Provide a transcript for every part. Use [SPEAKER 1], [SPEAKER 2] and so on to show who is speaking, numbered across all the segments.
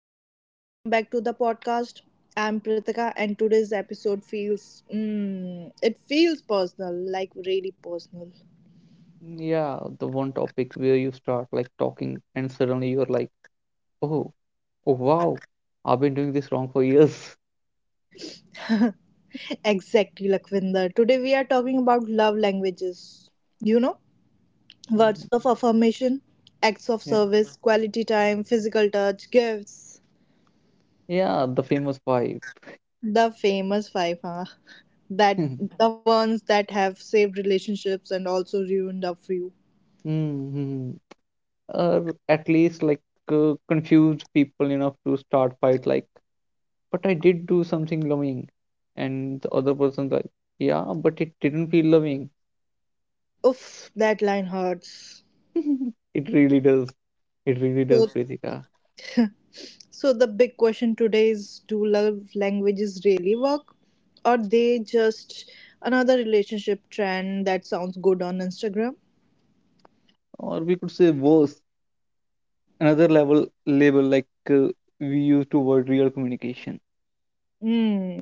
[SPEAKER 1] everyone, welcome back to the podcast. I'm Pritika and today's episode feels it feels personal, like really personal.
[SPEAKER 2] Yeah, the one topic where you start talking and suddenly you're like, oh, oh wow, I've been doing this wrong for years.
[SPEAKER 1] Exactly, Lakvinder. Today we are talking about love languages. You know, words
[SPEAKER 2] Mhm.
[SPEAKER 1] of affirmation, acts of
[SPEAKER 2] Yeah,
[SPEAKER 1] service, quality time, physical touch, gifts.
[SPEAKER 2] yeah, the famous vibe.
[SPEAKER 1] The famous five, huh? That
[SPEAKER 2] hmm
[SPEAKER 1] the ones that have saved relationships and also ruined a few.
[SPEAKER 2] Or at least confused people enough to start fight like, but I did do something loving, and the other person's like, yeah, but it didn't feel loving.
[SPEAKER 1] Oof, that line hurts.
[SPEAKER 2] It really does. It really
[SPEAKER 1] So
[SPEAKER 2] does, Pritika.
[SPEAKER 1] So the big question today is do love languages really work or they just another relationship trend that sounds good on Instagram?
[SPEAKER 2] Or we could say worse. Another level label we use to word real communication.
[SPEAKER 1] Hmm,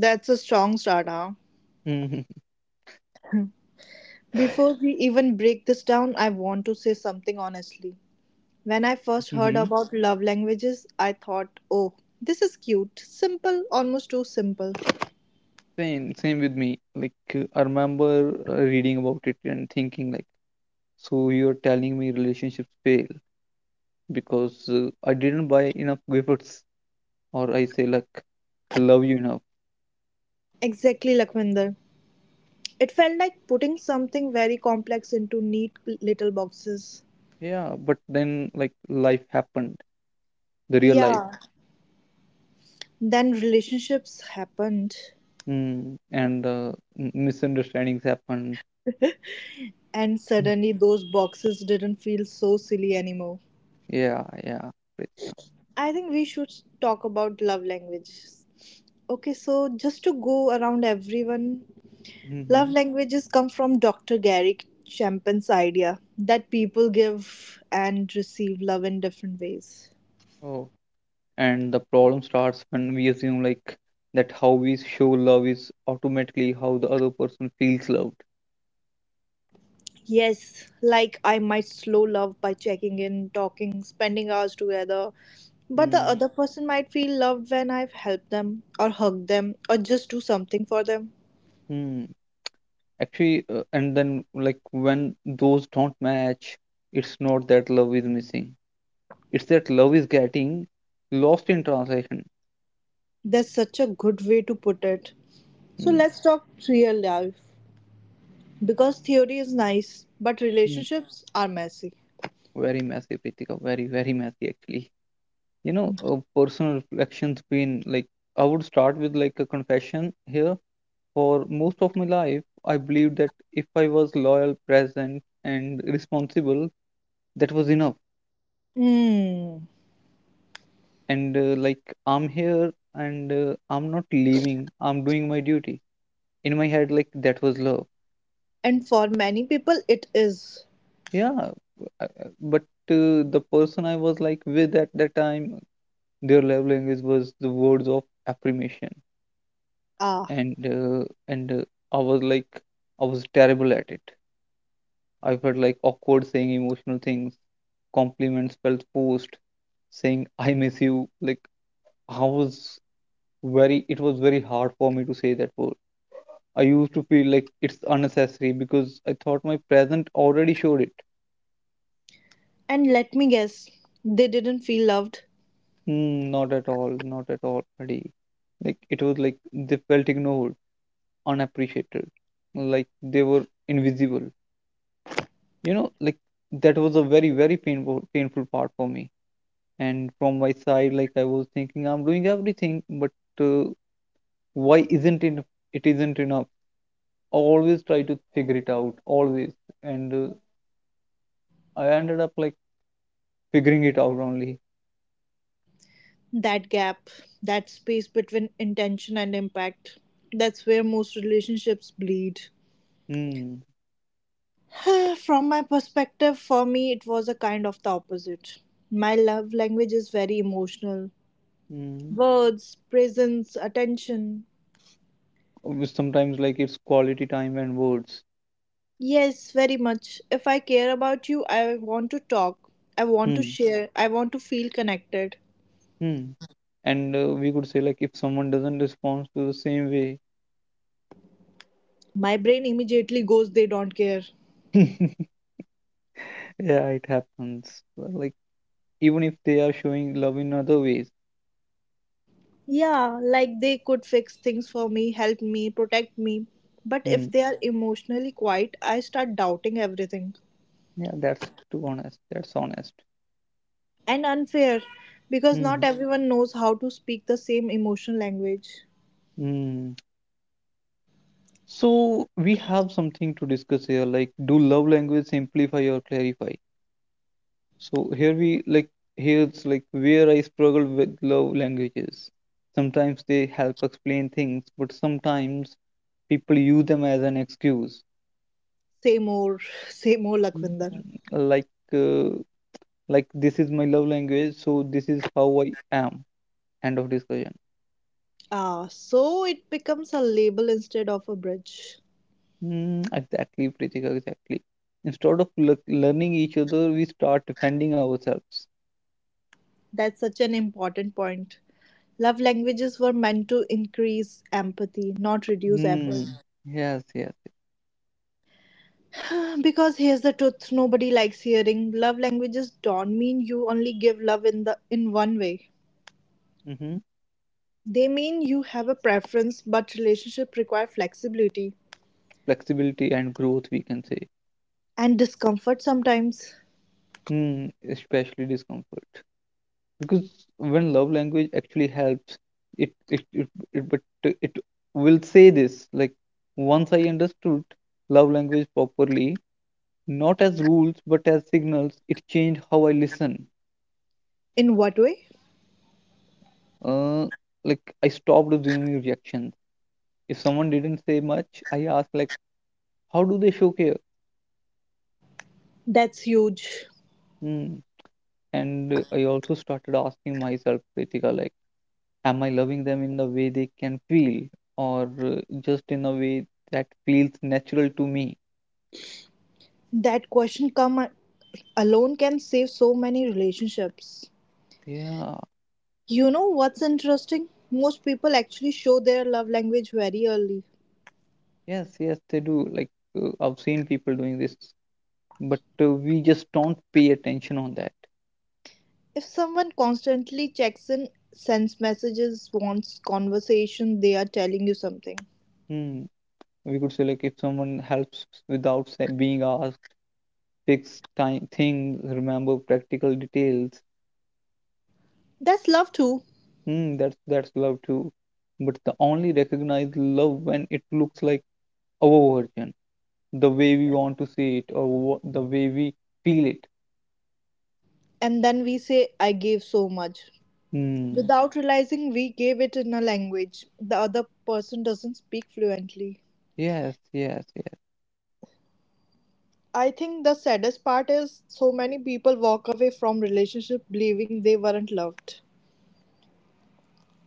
[SPEAKER 1] that's a strong start, huh?
[SPEAKER 2] hmm
[SPEAKER 1] Before we even break this down, I want to say something honestly. When I first heard
[SPEAKER 2] hmm
[SPEAKER 1] about love languages, I thought, oh, this is cute, simple, almost too simple.
[SPEAKER 2] Same same with me. Like I remember reading about it and thinking like, so you're telling me relationships fail because I didn't buy enough gifts or I say like love you enough?
[SPEAKER 1] Exactly, Lakwinder. It felt like putting something very complex into neat little boxes.
[SPEAKER 2] Yeah, but then, like, life happened, the real life.
[SPEAKER 1] Yeah. Then relationships happened,
[SPEAKER 2] Mm, and misunderstandings happen.
[SPEAKER 1] and
[SPEAKER 2] Mm.
[SPEAKER 1] suddenly those boxes didn't feel so silly anymore.
[SPEAKER 2] Yeah, yeah, Pritika.
[SPEAKER 1] I think we should talk about love languages. Okay, so just to go around everyone, love
[SPEAKER 2] hmm
[SPEAKER 1] languages come from Dr. Gary Chapman's idea that people give and receive love in different ways.
[SPEAKER 2] and the problem starts when we assume like that how we show love is automatically how the other person feels loved.
[SPEAKER 1] Yes, like I might slow love by checking in, talking, spending hours together, but the other person might feel loved when I've helped them, or hugged them, or just do something for them.
[SPEAKER 2] Mm-hmm. Actually and then like when those don't match, it's not that love is missing, it's that love is getting lost in translation.
[SPEAKER 1] That's such a good way to put it. So
[SPEAKER 2] Mm-hmm.
[SPEAKER 1] let's talk real life because theory is nice, but relationships are messy.
[SPEAKER 2] Very messy, Pritika, very very messy actually. You know, personal reflections been like, I would start with like a confession here. For most of my life, I believed that if I was loyal, present, and responsible, that was enough.
[SPEAKER 1] Hmm.
[SPEAKER 2] And like, I'm here and I'm not leaving, I'm doing my duty. In my head, like, that was love.
[SPEAKER 1] And for many people, it is.
[SPEAKER 2] Yeah, uh, uh, but the person I was like with at that time, their love language was the words of affirmation.
[SPEAKER 1] Ah.
[SPEAKER 2] And, I was like, I was terrible at it. I felt like awkward saying emotional things, compliments felt forced, saying I miss you. Like, I was, very, it was very hard for me to say that word. I used to feel like it's unnecessary because I thought my present already showed it.
[SPEAKER 1] And let me guess, they didn't feel loved
[SPEAKER 2] Hmm, not at all, not at all, buddy. Like it was like they felt ignored, unappreciated, like they were invisible, you know, like that was a very very painful painful part for me. And from my side like I was thinking I'm doing everything, but uh, why isn't it, it isn't enough? Always try to figure it out, always. And I ended up like figuring it out only.
[SPEAKER 1] that gap, that space between intention and impact. That's where most relationships bleed.
[SPEAKER 2] Hmm.
[SPEAKER 1] From my perspective, for me, it was a kind of the opposite. My love language is very emotional
[SPEAKER 2] Hmm.
[SPEAKER 1] words, presence, attention.
[SPEAKER 2] With sometimes like it's quality time and words.
[SPEAKER 1] Yes, very much. If I care about you, I want to talk, I want to
[SPEAKER 2] Hmm.
[SPEAKER 1] share, I want to feel connected.
[SPEAKER 2] Hmm. And we could say like if someone doesn't respond to the same way.
[SPEAKER 1] My brain immediately goes, they don't care.
[SPEAKER 2] Yeah, it happens. Well, like even if they are showing love in other ways.
[SPEAKER 1] Yeah, like they could fix things for me, help me, protect me. But if
[SPEAKER 2] Hmm.
[SPEAKER 1] they are emotionally quiet, I start doubting everything.
[SPEAKER 2] Yeah, that's too honest, that's honest.
[SPEAKER 1] And unfair, because not
[SPEAKER 2] Hmm.
[SPEAKER 1] everyone knows how to speak the same emotional language.
[SPEAKER 2] Mm. So we have something to discuss here, like do love language simplify or clarify? So here we like, here's like where I struggle with love languages. Sometimes they help explain things, but sometimes people use them as an excuse.
[SPEAKER 1] Say more, say more, Lakvinder.
[SPEAKER 2] Like uh, like this is my love language, so this is how I am. End of discussion.
[SPEAKER 1] Ah, so it becomes a label instead of a bridge.
[SPEAKER 2] Mm, exactly, Pritika, exactly. Instead of learning each other, we start defending ourselves.
[SPEAKER 1] That's such an important point. Love languages were meant to increase empathy, not reduce effort.
[SPEAKER 2] Hmm. Yes, yes.
[SPEAKER 1] because here's the truth nobody likes hearing love languages don't mean you only give love in one way,
[SPEAKER 2] Yes. Mm-hmm.
[SPEAKER 1] they mean you have a preference but relationship require flexibility
[SPEAKER 2] Flexibility and growth, we can say.
[SPEAKER 1] and discomfort sometimes.
[SPEAKER 2] Hmm. Especially discomfort. Because when love language actually helps, it it, it, it but it, will say this like, once I understood love language properly, not as rules but as signals, it changed how I listen.
[SPEAKER 1] In what way?
[SPEAKER 2] uh, like I stopped assuming reactions. If someone didn't say much, I asked like, how do they show care?
[SPEAKER 1] That's huge.
[SPEAKER 2] Hmm. And I also started asking myself, Kritika, like am I loving them in the way they can feel, or just in a way that feels natural to me?
[SPEAKER 1] That question come alone can save so many relationships.
[SPEAKER 2] Yeah,
[SPEAKER 1] You know what's interesting, most people actually show their love language very early.
[SPEAKER 2] yes, yes, they do. Like I've seen people doing this, but we just don't pay attention on that.
[SPEAKER 1] If someone constantly checks in, sends messages, wants conversation, they are telling you something.
[SPEAKER 2] Hmm. We could say like if someone helps without say, being asked, fix time things, remember practical details.
[SPEAKER 1] That's love too.
[SPEAKER 2] Hmm. That's love too. But the only recognize love when it looks like our version, the way we want to see it, or the way we feel it.
[SPEAKER 1] And then we say, I gave so much.
[SPEAKER 2] Hmm.
[SPEAKER 1] Without realizing we gave it in a language the other person doesn't speak fluently.
[SPEAKER 2] Yes, yes, yes.
[SPEAKER 1] I think the saddest part is so many people walk away from relationship believing they weren't loved.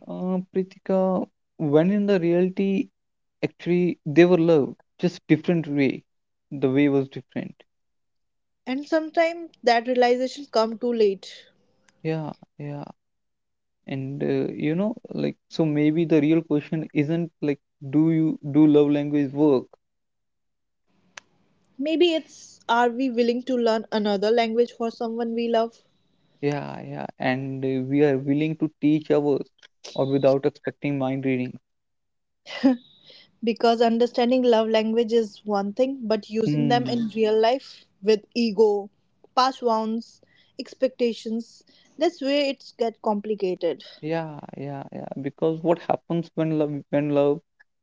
[SPEAKER 2] Pritika, when in the reality, actually, they were love, just different way. The way was different.
[SPEAKER 1] And sometimes that realization come too late.
[SPEAKER 2] Yeah, yeah. And you know, like, so maybe the real question isn't like, do you do love language work?
[SPEAKER 1] Maybe it's are we willing to learn another language for someone we love?
[SPEAKER 2] Yeah, yeah. And we are willing to teach ours or without expecting mind reading.
[SPEAKER 1] Because understanding love language is one thing, but using them in
[SPEAKER 2] Hmm.
[SPEAKER 1] real life with ego, past wounds, expectations, that's where it gets complicated.
[SPEAKER 2] Yeah, yeah, yeah. Because what happens when love, when love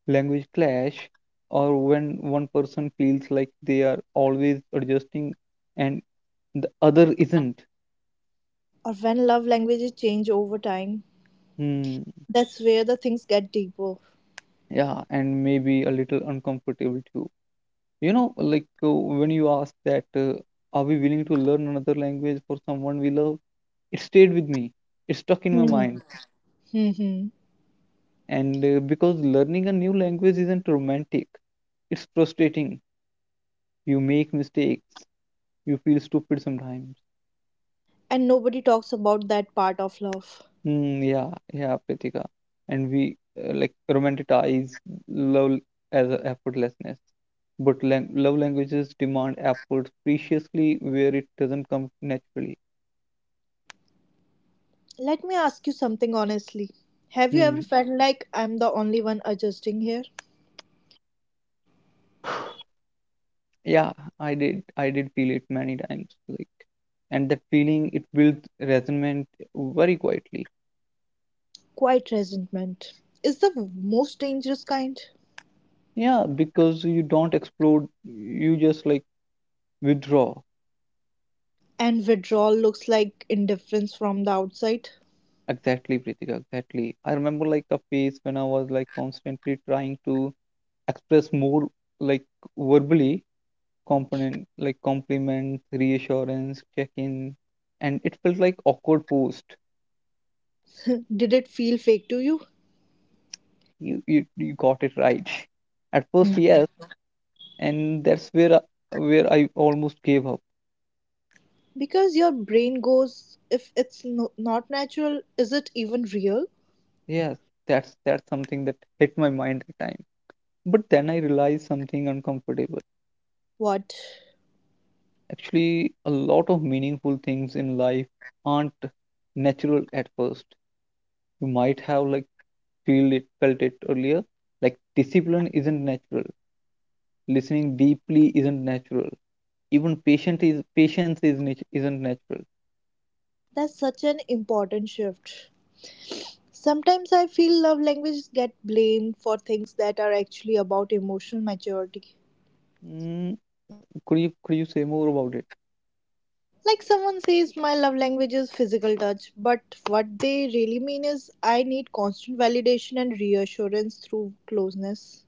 [SPEAKER 2] language clash, or when one person feels like they are always adjusting and the other isn't.
[SPEAKER 1] Or when love languages change over time,
[SPEAKER 2] Hmm.
[SPEAKER 1] that's where the things get deeper.
[SPEAKER 2] Yeah, and maybe a little uncomfortable too. You know, like when you ask that, are we willing to learn another language for someone we love? It stayed with me. It stuck in my
[SPEAKER 1] Hmm.
[SPEAKER 2] mind.
[SPEAKER 1] Hmm.
[SPEAKER 2] And because learning a new language isn't romantic, it's frustrating. You make mistakes, you feel stupid sometimes.
[SPEAKER 1] And nobody talks about that part of love.
[SPEAKER 2] Hmm, yeah, yeah, Pritika. And we like romanticize love as a effortlessness. But love languages demand effort preciously where it doesn't come naturally.
[SPEAKER 1] Let me ask you something honestly. Have you
[SPEAKER 2] Hmm.
[SPEAKER 1] ever felt like I'm the only one adjusting here?
[SPEAKER 2] Yeah, I did. I did feel it many times. Like, and that feeling it builds resentment very quietly.
[SPEAKER 1] Quiet resentment is the most dangerous kind.
[SPEAKER 2] Yeah, because you don't explode, you just like withdraw.
[SPEAKER 1] And withdrawal looks like indifference from the outside.
[SPEAKER 2] Exactly, Pritika, exactly. I remember like a phase when I was like constantly trying to express more, like verbally, component like compliments, reassurance, check-in, and it felt like awkward post.
[SPEAKER 1] Did it feel fake to you?
[SPEAKER 2] You got it right. At first,
[SPEAKER 1] Hmm.
[SPEAKER 2] yes, and that's where I almost gave up.
[SPEAKER 1] Because your brain goes, if it's not natural, is it even real?
[SPEAKER 2] Yes, that's something that hit my mind at the time. But then I realized something uncomfortable.
[SPEAKER 1] What?
[SPEAKER 2] Actually, a lot of meaningful things in life aren't natural at first. You might have like feel it, felt it earlier. Like discipline isn't natural. Listening deeply isn't natural. Even patient is, patience is, isn't natural.
[SPEAKER 1] That's such an important shift. Sometimes I feel love languages get blamed for things that are actually about emotional maturity.
[SPEAKER 2] Mm, could you, could you say more about it?
[SPEAKER 1] Like someone says, my love language is physical touch, but what they really mean is, I need constant validation and reassurance through closeness.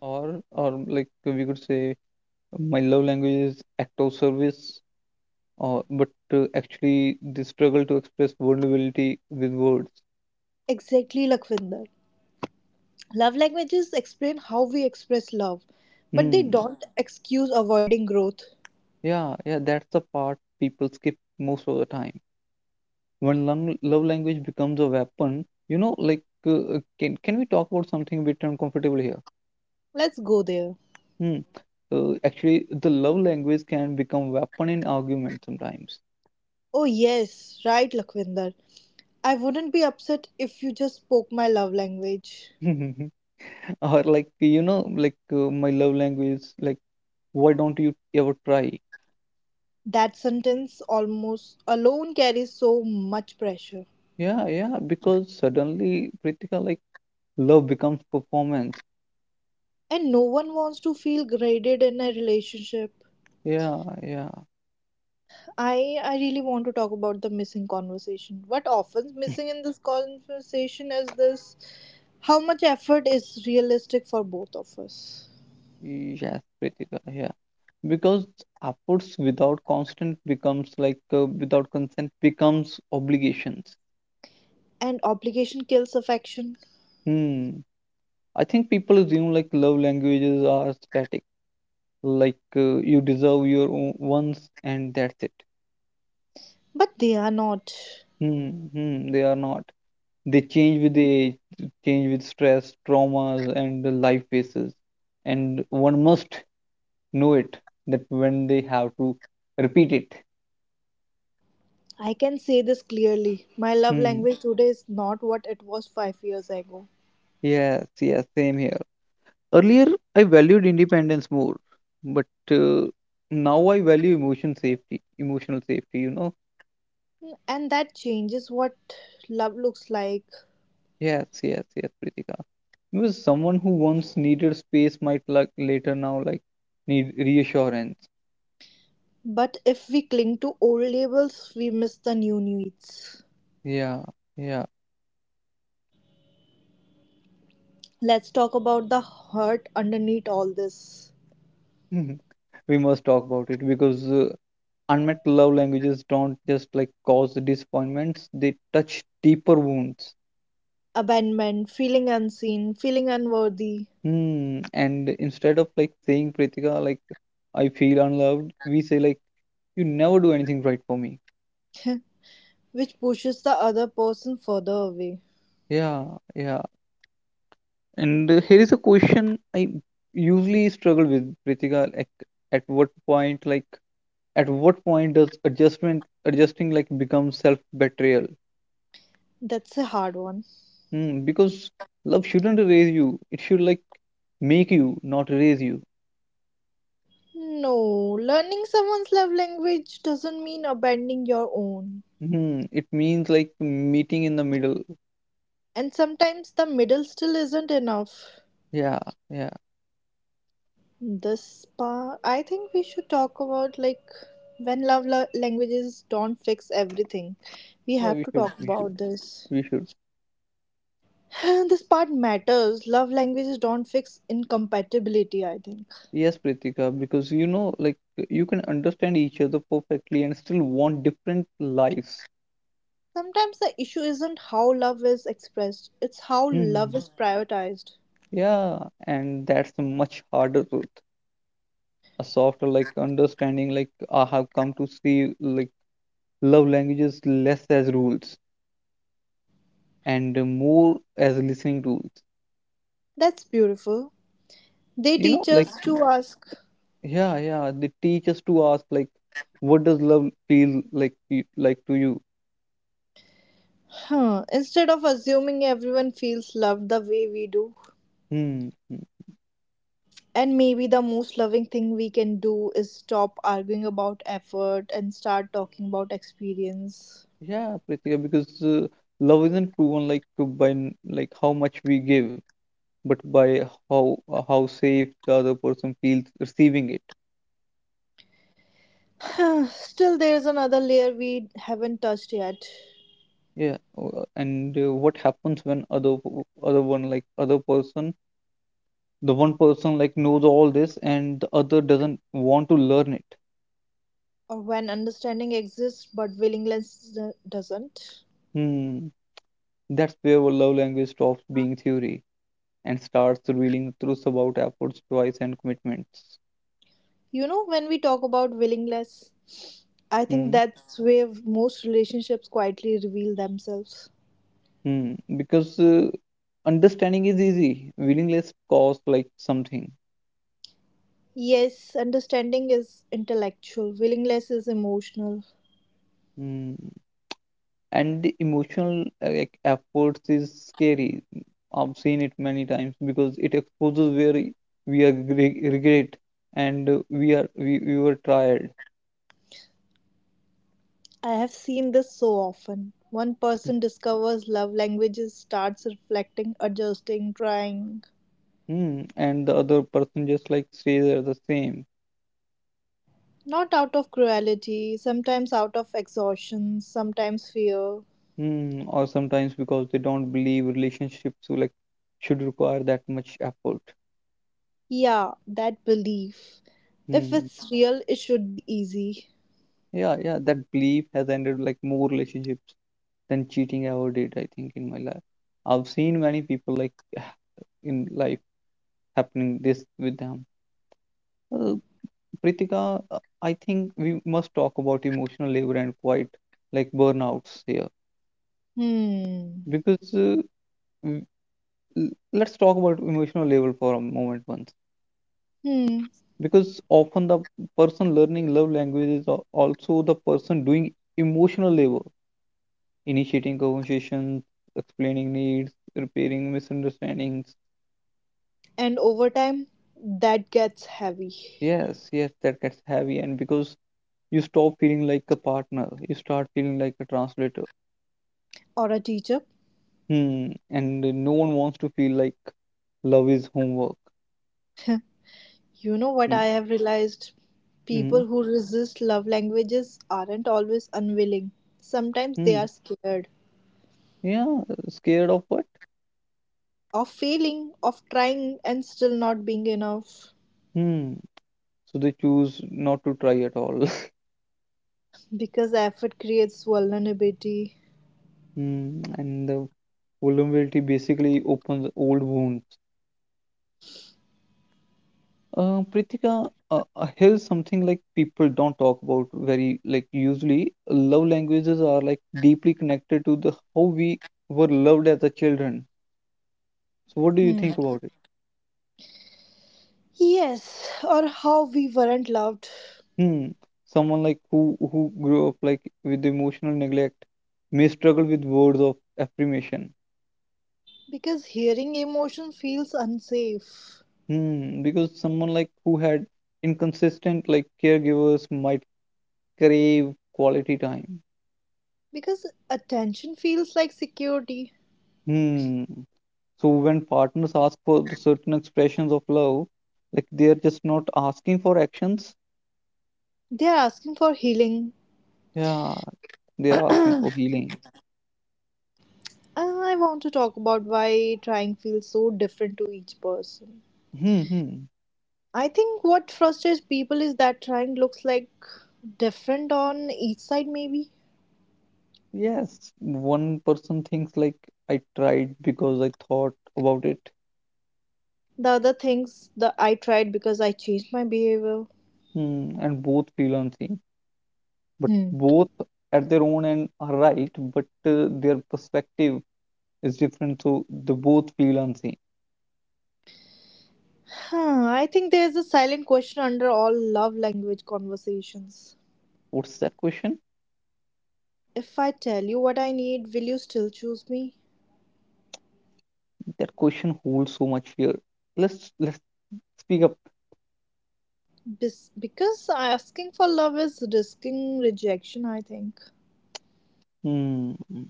[SPEAKER 2] Or like we could say my love language is act of service. Or but actually, the struggle to express vulnerability with words.
[SPEAKER 1] Exactly, Lakhvinder. Love languages explain how we express love, but they
[SPEAKER 2] Hmm.
[SPEAKER 1] don't excuse avoiding growth.
[SPEAKER 2] Yeah, yeah, that's the part people skip most of the time. When love language becomes a weapon, you know, like can we talk about something a bit uncomfortable here?
[SPEAKER 1] Let's go there.
[SPEAKER 2] Hmm. Actually, the love language can become weapon in argument sometimes.
[SPEAKER 1] Oh, yes, right, Lakhvinder. I wouldn't be upset if you just spoke my love language.
[SPEAKER 2] Or like you know, like my love language, is like why don't you ever try?
[SPEAKER 1] That sentence almost alone carries so much pressure.
[SPEAKER 2] Yeah, yeah, because suddenly, Pritika, like love becomes performance.
[SPEAKER 1] And no one wants to feel graded in a relationship.
[SPEAKER 2] Yeah, yeah.
[SPEAKER 1] I really want to talk about the missing conversation. What often missing in this conversation is this how much effort is realistic for both of us.
[SPEAKER 2] Yes, Pritika, yeah. Because upwards without constant becomes like without consent becomes obligations.
[SPEAKER 1] And obligation kills affection,
[SPEAKER 2] Hmm. I think people assume like love languages are static, like you deserve your own once and that's it.
[SPEAKER 1] but they are not.
[SPEAKER 2] Hmm. Hmm. They are not. They change with the age, change with stress, traumas, and the life phases. And one must know it that when they have to repeat it.
[SPEAKER 1] I can say this clearly. My love
[SPEAKER 2] Hmm.
[SPEAKER 1] language today is not what it was 5 years ago.
[SPEAKER 2] Yes. Yes. Same here. Earlier, I valued independence more, but uh, now I value emotion safety, emotional safety, you know.
[SPEAKER 1] And that changes what love looks like.
[SPEAKER 2] Yes, yes, yes, Pritika. Because someone who once needed space might like later now like need reassurance.
[SPEAKER 1] But if we cling to old labels, we miss the new needs.
[SPEAKER 2] Yeah, yeah.
[SPEAKER 1] Let's talk about the hurt underneath all this
[SPEAKER 2] We must talk about it because unmet love languages don't just like cause disappointments, they touch deeper wounds.
[SPEAKER 1] abandonment, feeling unseen, feeling unworthy,
[SPEAKER 2] Hmm. And instead of like saying, Pritika, like I feel unloved, we say like, you never do anything right for me.
[SPEAKER 1] which pushes the other person further away.
[SPEAKER 2] Yeah, yeah. And here is a question I usually struggle with, Pritika. Like, at what point, like, at what point does adjustment, adjusting, like become self betrayal?
[SPEAKER 1] That's a hard one.
[SPEAKER 2] Hmm, because love shouldn't erase you. It should like make you, not erase you.
[SPEAKER 1] No, learning someone's love language doesn't mean abandoning your own.
[SPEAKER 2] Hmm, it means like meeting in the middle.
[SPEAKER 1] And sometimes the middle still isn't enough.
[SPEAKER 2] Yeah, yeah,
[SPEAKER 1] This part, I think we should talk about like when love languages don't fix everything. We
[SPEAKER 2] yeah.
[SPEAKER 1] have
[SPEAKER 2] We
[SPEAKER 1] to
[SPEAKER 2] should,
[SPEAKER 1] talk
[SPEAKER 2] we should,
[SPEAKER 1] about this.
[SPEAKER 2] we should.
[SPEAKER 1] this part matters. Love languages don't fix incompatibility, I think.
[SPEAKER 2] Yes, Pritika, because you know, like you can understand each other perfectly and still want different lives.
[SPEAKER 1] Sometimes the issue isn't how love is expressed, it's how love
[SPEAKER 2] Hmm.
[SPEAKER 1] is prioritized.
[SPEAKER 2] Yeah, and that's a much harder truth. A softer, like understanding, like I have come to see, like love languages less as rules and more as listening tools.
[SPEAKER 1] That's beautiful. They
[SPEAKER 2] You know,
[SPEAKER 1] teach
[SPEAKER 2] like
[SPEAKER 1] us to ask,
[SPEAKER 2] yeah, yeah, they teach us to ask, like, what does love feel like, like to you?
[SPEAKER 1] huh, instead of assuming everyone feels loved the way we do.
[SPEAKER 2] Hmm. Hmm.
[SPEAKER 1] And maybe the most loving thing we can do is stop arguing about effort and start talking about experience.
[SPEAKER 2] Yeah, Pritika, because love isn't proven like by like how much we give, but by how safe the other person feels receiving it.
[SPEAKER 1] Still, there's another layer we haven't touched yet.
[SPEAKER 2] Yeah, and what happens when other other one like other person, the one person like knows all this and the other doesn't want to learn it.
[SPEAKER 1] Or when understanding exists but willingness doesn't.
[SPEAKER 2] Hmm, that's where our love language stops being theory and starts revealing the truth about efforts, choice, and commitments.
[SPEAKER 1] You know, when we talk about willingness, I think
[SPEAKER 2] Hmm.
[SPEAKER 1] that's where most relationships quietly reveal themselves.
[SPEAKER 2] Hmm, because understanding is easy, willingness costs like something.
[SPEAKER 1] Yes, understanding is intellectual, willingness is emotional.
[SPEAKER 2] Hmm, and the emotional like efforts is scary. I've seen it many times because it exposes where we are regret and we are we were tired.
[SPEAKER 1] I have seen this so often. One person discovers love languages, starts reflecting, adjusting, trying.
[SPEAKER 2] Hmm, and the other person just like stays there the same.
[SPEAKER 1] Not out of cruelty, sometimes out of exhaustion, sometimes fear.
[SPEAKER 2] Hmm, or sometimes because they don't believe relationships so, should require that much effort.
[SPEAKER 1] Yeah, that belief. If
[SPEAKER 2] Hmm.
[SPEAKER 1] it's real, it should be easy.
[SPEAKER 2] Yeah, yeah, that belief has ended more relationships than cheating ever did, I think, in my life. I've seen many people in life happening this with them. Uh, Pritika, I think we must talk about emotional labor and quite like burnouts here
[SPEAKER 1] Hmm.
[SPEAKER 2] because w- let's talk about emotional labor for a moment once
[SPEAKER 1] Hmm.
[SPEAKER 2] because often the person learning love language is also the person doing emotional labor, initiating conversations, explaining needs, repairing misunderstandings.
[SPEAKER 1] And over time that gets heavy.
[SPEAKER 2] Yes, yes, that gets heavy, and because you stop feeling like a partner, you start feeling like a translator.
[SPEAKER 1] Or a teacher.
[SPEAKER 2] Hmm, and no one wants to feel like love is homework.
[SPEAKER 1] You know what
[SPEAKER 2] Hmm,
[SPEAKER 1] I have realized,
[SPEAKER 2] hmm,
[SPEAKER 1] people who resist love languages aren't always unwilling, sometimes they
[SPEAKER 2] hmm.
[SPEAKER 1] are scared
[SPEAKER 2] Yeah, scared of what?
[SPEAKER 1] of failing, of trying and still not being enough,
[SPEAKER 2] Hmm. So they choose not to try at all.
[SPEAKER 1] because effort creates vulnerability.
[SPEAKER 2] Hmm, and the vulnerability basically opens old wounds. Pritika, here's something like people don't talk about very like usually. Love languages are like deeply connected to the how we were loved as a children. So what do you
[SPEAKER 1] Hmm.
[SPEAKER 2] think about it?
[SPEAKER 1] Yes, or how we weren't loved,
[SPEAKER 2] Hmm. Someone like who grew up like with emotional neglect may struggle with words of affirmation.
[SPEAKER 1] because hearing emotion feels unsafe,
[SPEAKER 2] Hmm. Because someone like who had inconsistent like caregivers might crave quality time.
[SPEAKER 1] because attention feels like security,
[SPEAKER 2] Hmm. So when partners ask for the certain expressions of love, like they are just not asking for actions.
[SPEAKER 1] they are asking for healing.
[SPEAKER 2] Yeah, they are asking for healing.
[SPEAKER 1] I want to talk about why trying feels so different to each person.
[SPEAKER 2] Hmm. Hmm.
[SPEAKER 1] I think what frustrates people is that trying looks like different on each side, maybe.
[SPEAKER 2] Yes. One person thinks like I tried because I thought about it.
[SPEAKER 1] The other things that I tried because I changed my behavior.
[SPEAKER 2] Hmm. And both feel unseen. But
[SPEAKER 1] Hmm.
[SPEAKER 2] both at their own end are right, but their perspective is different, so they both feel unseen.
[SPEAKER 1] Huh, I think there's a silent question under all love language conversations.
[SPEAKER 2] What's that question?
[SPEAKER 1] If I tell you what I need, will you still choose me?
[SPEAKER 2] That question holds so much fear. Let's speak up.
[SPEAKER 1] Because asking for love is risking rejection, I think.
[SPEAKER 2] Hmm. Hmm.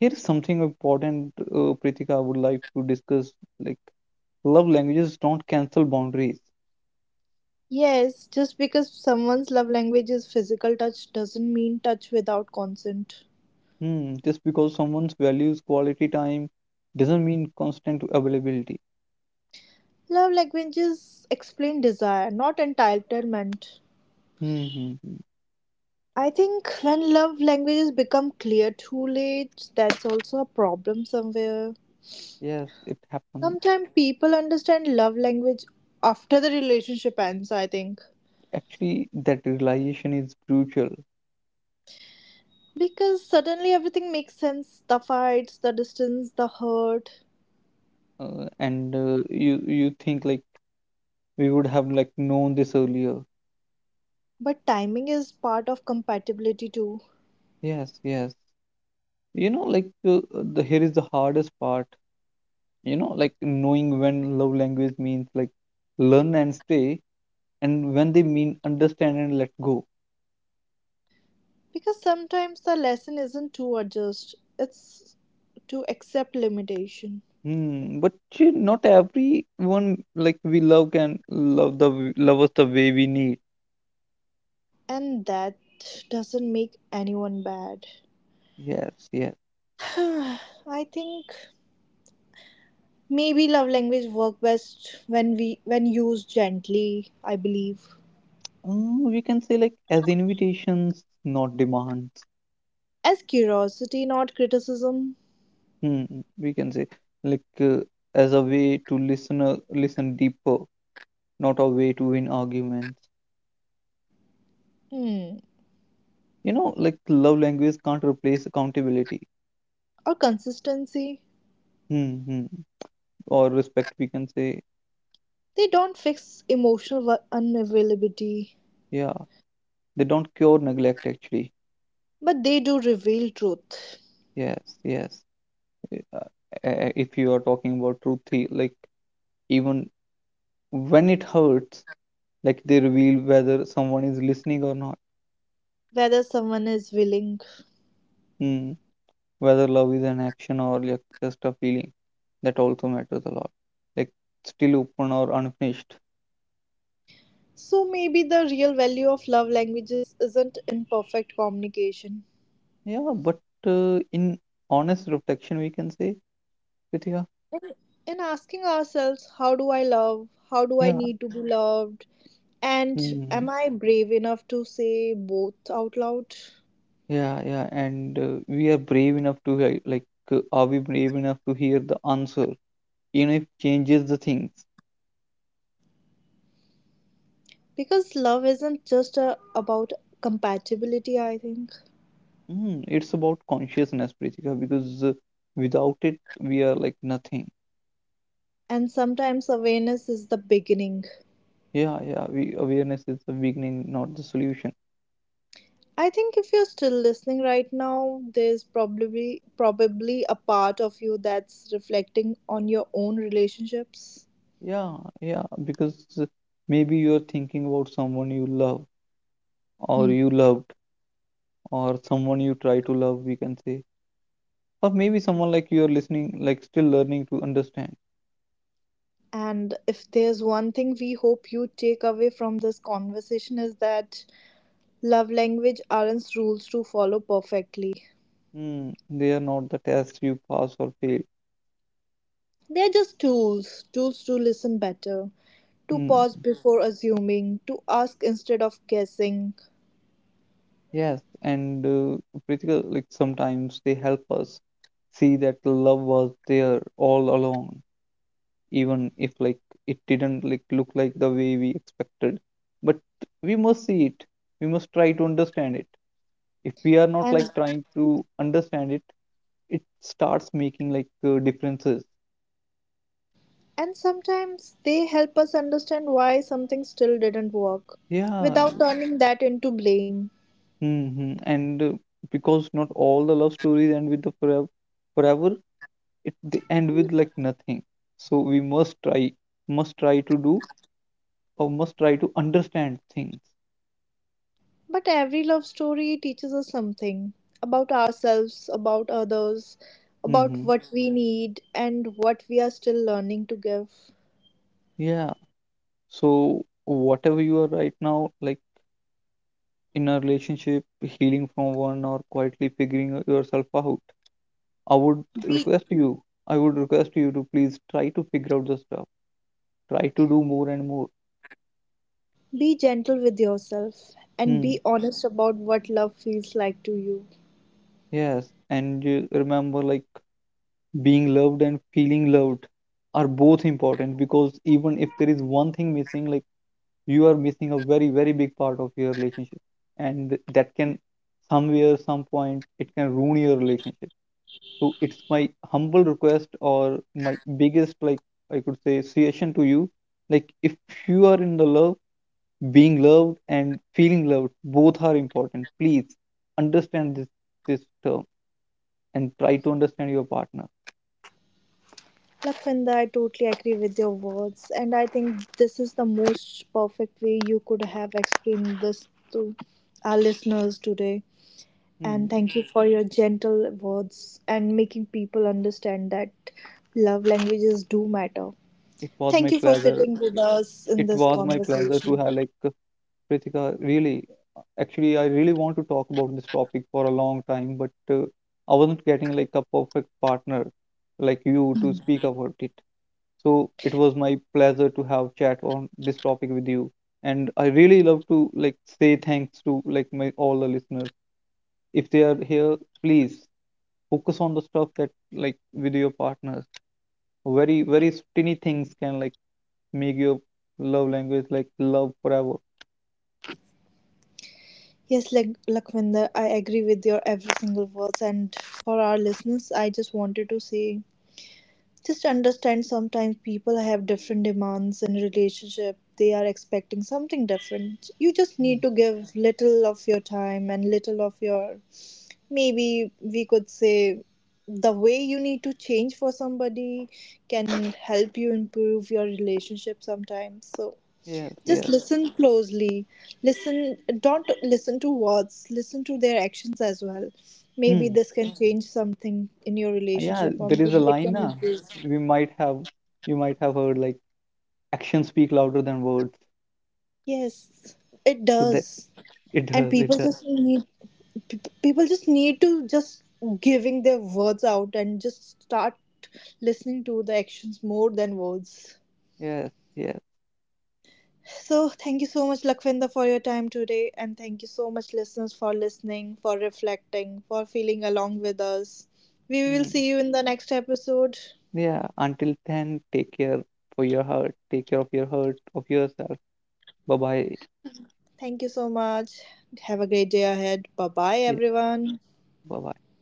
[SPEAKER 2] Here's something important, Pritika, I would like to discuss. Like, love languages don't cancel boundaries.
[SPEAKER 1] Yes, just because someone's love language is physical touch doesn't mean touch without consent.
[SPEAKER 2] Hmm, just because someone's values quality time doesn't mean constant availability.
[SPEAKER 1] Love languages explain desire, not entitlement.
[SPEAKER 2] Hmm, hmm, hmm.
[SPEAKER 1] I think when love languages become clear too late, that's also a problem somewhere.
[SPEAKER 2] Yes, it happens.
[SPEAKER 1] Sometimes people understand love language after the relationship ends, I think.
[SPEAKER 2] Actually, that realization is brutal.
[SPEAKER 1] Because suddenly everything makes sense the fights, the distance, the hurt.
[SPEAKER 2] And you think like we would have like known this earlier.
[SPEAKER 1] But timing is part of compatibility too.
[SPEAKER 2] Yes, yes. You know, like the here is the hardest part. You know, like knowing when love language means like learn and stay, and when they mean understand and let go.
[SPEAKER 1] Because sometimes the lesson isn't to adjust, it's to accept limitation.
[SPEAKER 2] Hmm. But not everyone like we love can love the love us the way we need.
[SPEAKER 1] And that doesn't make anyone bad.
[SPEAKER 2] Yes, yes.
[SPEAKER 1] I think maybe love language work best when we when used gently, I believe.
[SPEAKER 2] Mm, we can say like as invitations, not demands.
[SPEAKER 1] As curiosity, not criticism.
[SPEAKER 2] Hmm, we can say like as a way to listen, listen deeper, not a way to win arguments.
[SPEAKER 1] Hmm.
[SPEAKER 2] You know, like love language can't replace accountability.
[SPEAKER 1] Or consistency.
[SPEAKER 2] Hmm. Hmm. Or respect, we can say.
[SPEAKER 1] They don't fix emotional unavailability,
[SPEAKER 2] Yeah, they don't cure neglect actually.
[SPEAKER 1] but they do reveal truth.
[SPEAKER 2] Yes, yes. Uh, uh, if you are talking about truth, like even when it hurts, like they reveal whether someone is listening or not.
[SPEAKER 1] Whether someone is willing.
[SPEAKER 2] Mm. Whether love is an action or like just a feeling, that also matters a lot, like still open or unfinished.
[SPEAKER 1] So maybe the real value of love languages isn't in perfect communication.
[SPEAKER 2] Yeah, but in honest reflection, we can say, with, yeah.
[SPEAKER 1] In asking ourselves, how do I love? How do I
[SPEAKER 2] Yeah.
[SPEAKER 1] need to be loved? And am
[SPEAKER 2] Mm.
[SPEAKER 1] I brave enough to say both out loud?
[SPEAKER 2] Yeah, yeah, and we are brave enough to hear, like, are we brave enough to hear the answer? Even if changes the things.
[SPEAKER 1] Because love isn't just a, about compatibility, I think.
[SPEAKER 2] Mm, it's about consciousness, Pritika, because without it, we are like nothing.
[SPEAKER 1] And sometimes awareness is the beginning.
[SPEAKER 2] Yeah, yeah, we awareness is the beginning, not the solution.
[SPEAKER 1] I think if you're still listening right now, there's probably a part of you that's reflecting on your own relationships.
[SPEAKER 2] Yeah, yeah, because uh, maybe you are thinking about someone you love,
[SPEAKER 1] Hmm.
[SPEAKER 2] or you loved, or someone you try to love, we can say, or maybe someone like you are listening, like still learning to understand.
[SPEAKER 1] And if there's one thing we hope you take away from this conversation is that love language aren't rules to follow perfectly.
[SPEAKER 2] Hmm. They are not the tests you pass or fail.
[SPEAKER 1] They're just tools, tools to listen better, to pause
[SPEAKER 2] Hmm.
[SPEAKER 1] before assuming, to ask instead of guessing.
[SPEAKER 2] Yes, and Pritika, like sometimes they help us see that love was there all along, even if like it didn't like look like the way we expected. But we must see it. We must try to understand it. If we are not like
[SPEAKER 1] And
[SPEAKER 2] trying to understand it, it starts making like differences.
[SPEAKER 1] and sometimes they help us understand why something still didn't work
[SPEAKER 2] Yeah,
[SPEAKER 1] without turning that into blame.
[SPEAKER 2] mm-hmm. And because not all the love stories end with the forever, forever, it they end with like nothing, so we must try, must try to do, or must try to understand things.
[SPEAKER 1] But every love story teaches us something about ourselves, about others,
[SPEAKER 2] Mm-hmm.
[SPEAKER 1] about what we need, and what we are still learning to give.
[SPEAKER 2] Yeah, so whatever you are right now, like in a relationship, healing from one, or quietly figuring yourself out, i would
[SPEAKER 1] Be,
[SPEAKER 2] request you I would request you to please try to figure out the stuff, try to do more and more.
[SPEAKER 1] be gentle with yourself and
[SPEAKER 2] Hmm.
[SPEAKER 1] be honest about what love feels like to you.
[SPEAKER 2] Yes, and remember like being loved and feeling loved are both important, because even if there is one thing missing, like you are missing a very very big part of your relationship, and that can somewhere some point it can ruin your relationship. So it's my humble request, or my biggest like I could say suggestion to you, like if you are in the love, being loved and feeling loved both are important. Please understand this, this term, and try to understand your partner.
[SPEAKER 1] Lakvinda, I totally agree with your words, and I think this is the most perfect way you could have explained this to our listeners today. And
[SPEAKER 2] Hmm.
[SPEAKER 1] thank you for your gentle words and making people understand that love languages do matter.
[SPEAKER 2] It was
[SPEAKER 1] Thank
[SPEAKER 2] my
[SPEAKER 1] you for
[SPEAKER 2] pleasure.
[SPEAKER 1] sitting with us in
[SPEAKER 2] It
[SPEAKER 1] this
[SPEAKER 2] was my pleasure to
[SPEAKER 1] conversation.
[SPEAKER 2] have like Pritika, really, actually, I really want to talk about this topic for a long time, but I wasn't getting like a perfect partner like you to speak about it. So it was my pleasure to have chat on this topic with you. And I really love to like say thanks to like my all the listeners. If they are here, please focus on the stuff that like with your partners. Very, very tiny things can like make your love language like love forever.
[SPEAKER 1] Yes, like Lakwinder, I agree with your every single words. And for our listeners, I just wanted to say just understand sometimes people have different demands in relationship. They are expecting something different. You just
[SPEAKER 2] Mm.
[SPEAKER 1] need to give little of your time and little of your maybe we could say the way you need to change for somebody can help you improve your relationship sometimes. So
[SPEAKER 2] Yes,
[SPEAKER 1] just
[SPEAKER 2] yes.
[SPEAKER 1] listen closely, listen, don't listen to words, listen to their actions as well. Maybe
[SPEAKER 2] Hmm.
[SPEAKER 1] this can change something in your
[SPEAKER 2] Yeah,
[SPEAKER 1] relationship or
[SPEAKER 2] there is a
[SPEAKER 1] maybe it
[SPEAKER 2] line
[SPEAKER 1] can
[SPEAKER 2] na,
[SPEAKER 1] improve.
[SPEAKER 2] we might have you might have heard like actions speak louder than words.
[SPEAKER 1] Yes, it
[SPEAKER 2] So that
[SPEAKER 1] does.
[SPEAKER 2] it
[SPEAKER 1] And
[SPEAKER 2] does, it
[SPEAKER 1] people
[SPEAKER 2] does.
[SPEAKER 1] just need people just need to just giving their words out and just start listening to the actions more than words.
[SPEAKER 2] Yes, yes.
[SPEAKER 1] So thank you so much Lakvinda for your time today and thank you so much listeners for listening, for reflecting, for feeling along with us. We will
[SPEAKER 2] Mm.
[SPEAKER 1] see you in the next episode.
[SPEAKER 2] Yeah. Until then, take care for your heart. Take care of your heart, of yourself. Bye bye.
[SPEAKER 1] Thank you so much, have a great day ahead, bye bye
[SPEAKER 2] Yeah,
[SPEAKER 1] everyone.
[SPEAKER 2] bye bye.